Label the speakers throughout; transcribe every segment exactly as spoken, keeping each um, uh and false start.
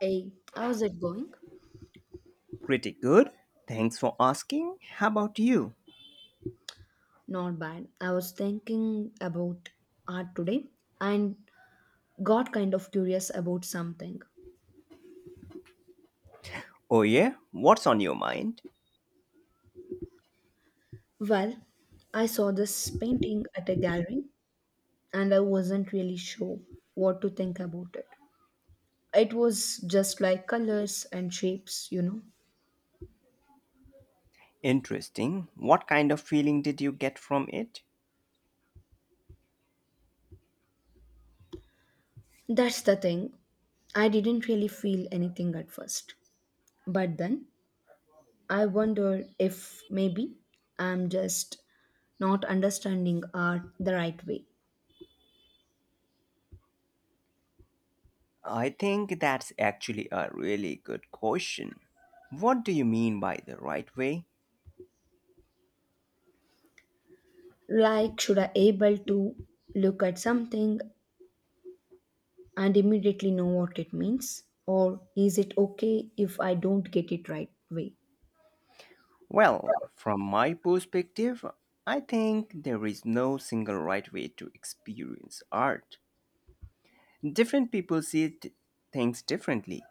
Speaker 1: Hey, how's it going?
Speaker 2: Pretty good. Thanks for asking. How about you?
Speaker 1: Not bad. I was thinking about art today and got kind of curious about something.
Speaker 2: Oh, yeah? What's on your mind?
Speaker 1: Well, I saw this painting at a gallery and I wasn't really sure what to think about it. It was just like colors and shapes, you know.
Speaker 2: Interesting. What kind of feeling did you get from it?
Speaker 1: That's the thing. I didn't really feel anything at first. But then I wondered if maybe I'm just not understanding art the right way.
Speaker 2: I think that's actually a really good question. What do you mean by the right way?
Speaker 1: Like, should I able to look at something and immediately know what it means, or is it okay if I don't get it right way?
Speaker 2: Well, from my perspective, I think there is no single right way to experience art. Different people see t- things differently.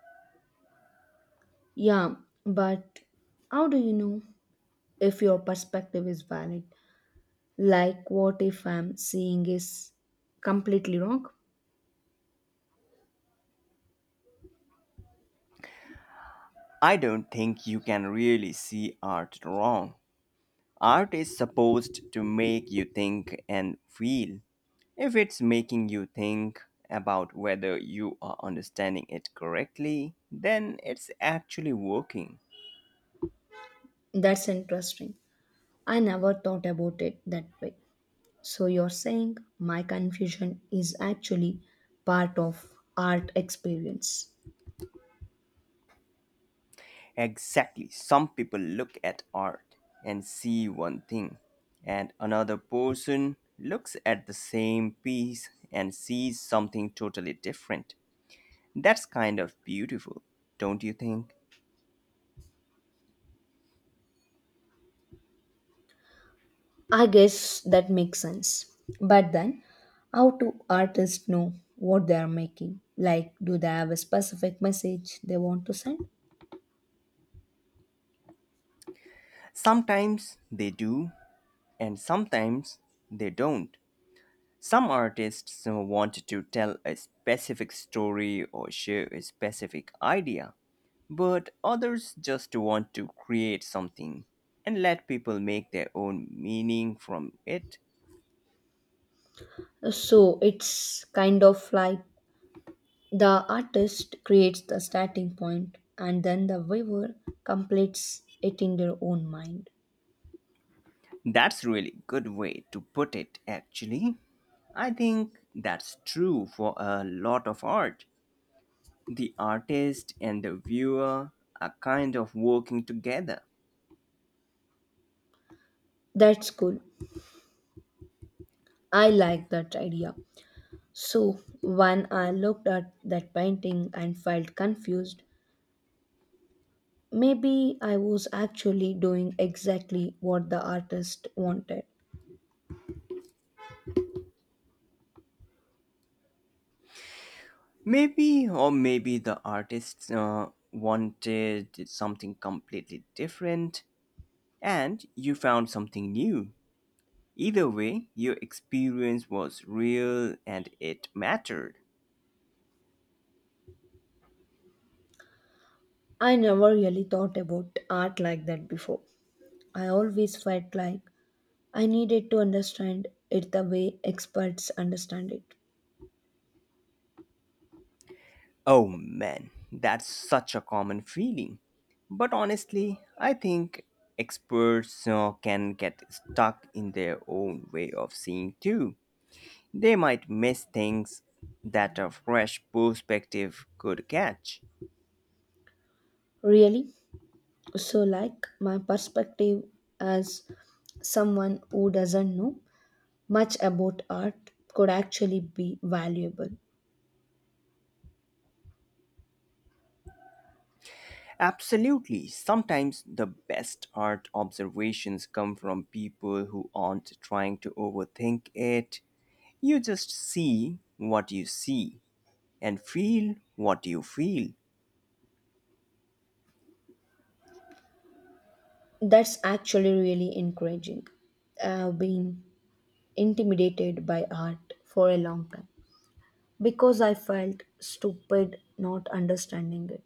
Speaker 1: Yeah, but how do you know if your perspective is valid? Like, what if I'm seeing is completely wrong?
Speaker 2: I don't think you can really see art wrong. Art is supposed to make you think and feel. If it's making you think about whether you are understanding it correctly, then it's actually working.
Speaker 1: That's interesting. I never thought about it that way. So you're saying my confusion is actually part of art experience.
Speaker 2: Exactly. Some people look at art and see one thing, and another person looks at the same piece and sees something totally different. That's kind of beautiful, don't you think?
Speaker 1: I guess that makes sense. But then, how do artists know what they are making? Like, do they have a specific message they want to send?
Speaker 2: Sometimes they do, and sometimes they don't. Some artists uh, want to tell a specific story or share a specific idea, but others just want to create something and let people make their own meaning from it.
Speaker 1: So it's kind of like the artist creates the starting point and then the viewer completes it in their own mind.
Speaker 2: That's really good way to put it actually. I think that's true for a lot of art. The artist and the viewer are kind of working together.
Speaker 1: That's cool. I like that idea. So when I looked at that painting and felt confused, maybe I was actually doing exactly what the artist wanted.
Speaker 2: Maybe, or maybe the artists uh, wanted something completely different and you found something new. Either way, your experience was real and it mattered.
Speaker 1: I never really thought about art like that before. I always felt like I needed to understand it the way experts understand it.
Speaker 2: Oh man, that's such a common feeling. But honestly, I think experts uh, can get stuck in their own way of seeing too. They might miss things that a fresh perspective could catch.
Speaker 1: Really? So, like, my perspective as someone who doesn't know much about art could actually be valuable.
Speaker 2: Absolutely. Sometimes the best art observations come from people who aren't trying to overthink it. You just see what you see and feel what you feel.
Speaker 1: That's actually really encouraging. I've been intimidated by art for a long time because I felt stupid not understanding it.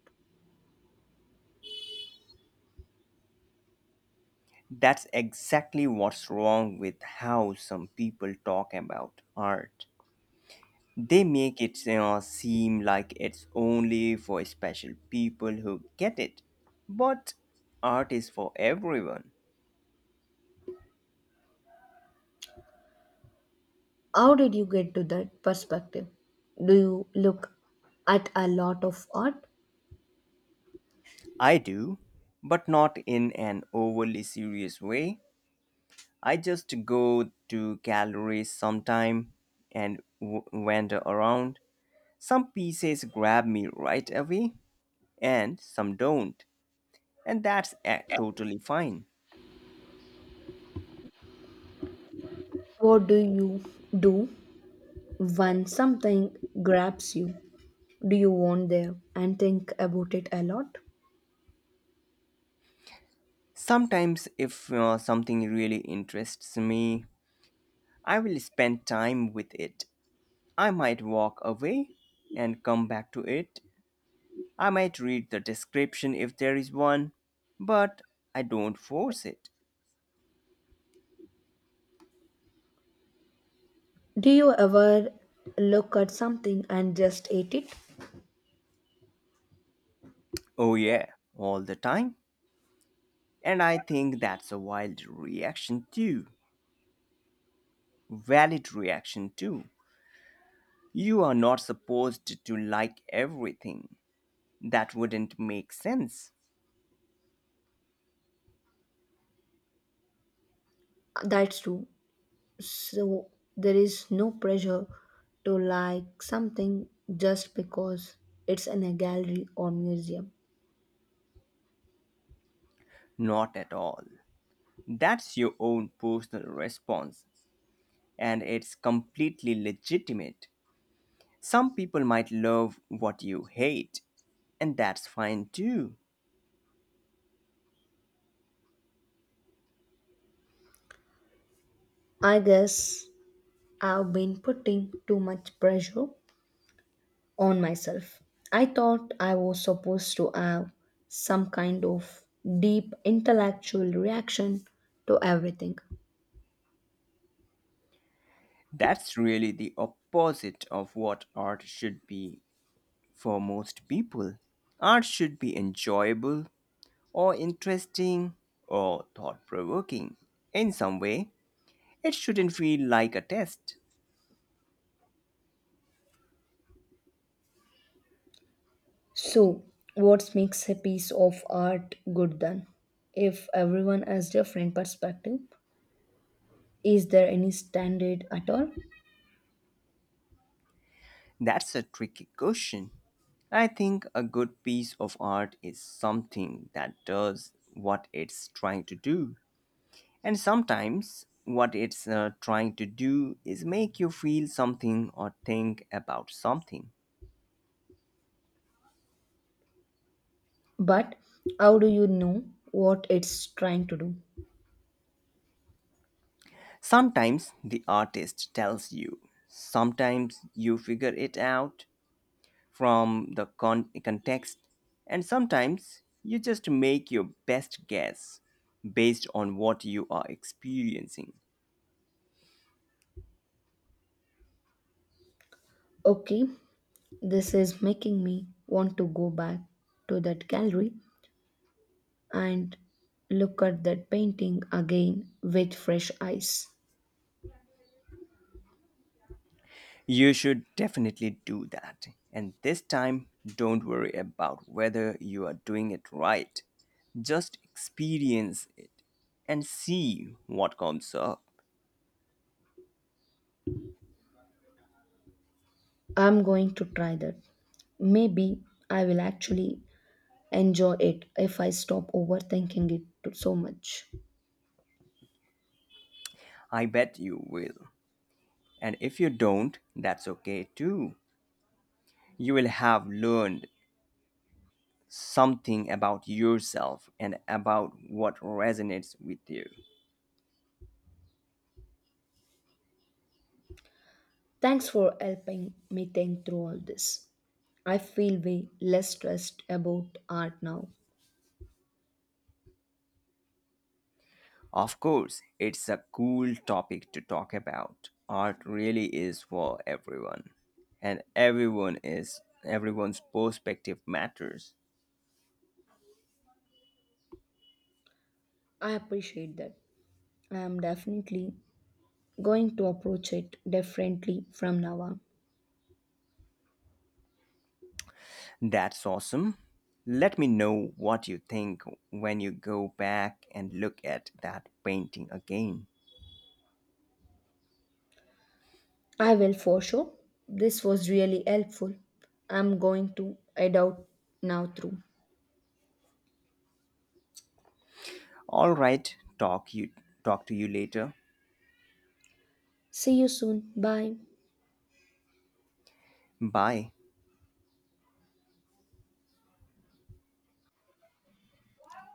Speaker 2: That's exactly what's wrong with how some people talk about art. They make it you know, seem like it's only for special people who get it. But art is for everyone.
Speaker 1: How did you get to that perspective? Do you look at a lot of art?
Speaker 2: I do, but not in an overly serious way. I just go to galleries sometime and w- wander around. Some pieces grab me right away and some don't, and that's uh, totally fine.
Speaker 1: What do you do when something grabs you? Do you want there and think about it a lot?
Speaker 2: Sometimes, if uh, something really interests me, I will spend time with it. I might walk away and come back to it. I might read the description if there is one, but I don't force it.
Speaker 1: Do you ever look at something and just eat it?
Speaker 2: Oh, yeah, all the time. And I think that's a wild reaction, too. Valid reaction, too. You are not supposed to like everything. That wouldn't make sense.
Speaker 1: That's true. So there is no pressure to like something just because it's in a gallery or museum.
Speaker 2: Not at all. That's your own personal response, and it's completely legitimate. Some people might love what you hate, and that's fine too.
Speaker 1: I guess I've been putting too much pressure on myself. I thought I was supposed to have some kind of deep intellectual reaction to everything.
Speaker 2: That's really the opposite of what art should be for most people. Art should be enjoyable or interesting or thought provoking in some way. It shouldn't feel like a test.
Speaker 1: So, what makes a piece of art good then? If everyone has different perspective, is there any standard at all?
Speaker 2: That's a tricky question. I think a good piece of art is something that does what it's trying to do. And sometimes what it's uh, trying to do is make you feel something or think about something.
Speaker 1: But how do you know what it's trying to do?
Speaker 2: Sometimes the artist tells you, sometimes you figure it out from the con- context, and sometimes you just make your best guess based on what you are experiencing.
Speaker 1: Okay, this is making me want to go back to that gallery and look at that painting again with fresh eyes.
Speaker 2: You should definitely do that. And this time, don't worry about whether you are doing it right. Just experience it and see what comes up.
Speaker 1: I'm going to try that. Maybe I will actually enjoy it if I stop overthinking it to- so much.
Speaker 2: I bet you will. And if you don't, that's okay too. You will have learned something about yourself and about what resonates with you.
Speaker 1: Thanks for helping me think through all this. I feel way less stressed about art now.
Speaker 2: Of course, it's a cool topic to talk about. Art really is for everyone, and everyone is everyone's perspective matters.
Speaker 1: I appreciate that. I'm definitely going to approach it differently from now on.
Speaker 2: That's awesome. Let me know what you think when you go back and look at that painting again.
Speaker 1: I will for sure. This was really helpful. I'm going to head out now through.
Speaker 2: All right, talk you talk to you later.
Speaker 1: See you soon. Bye.
Speaker 2: Bye.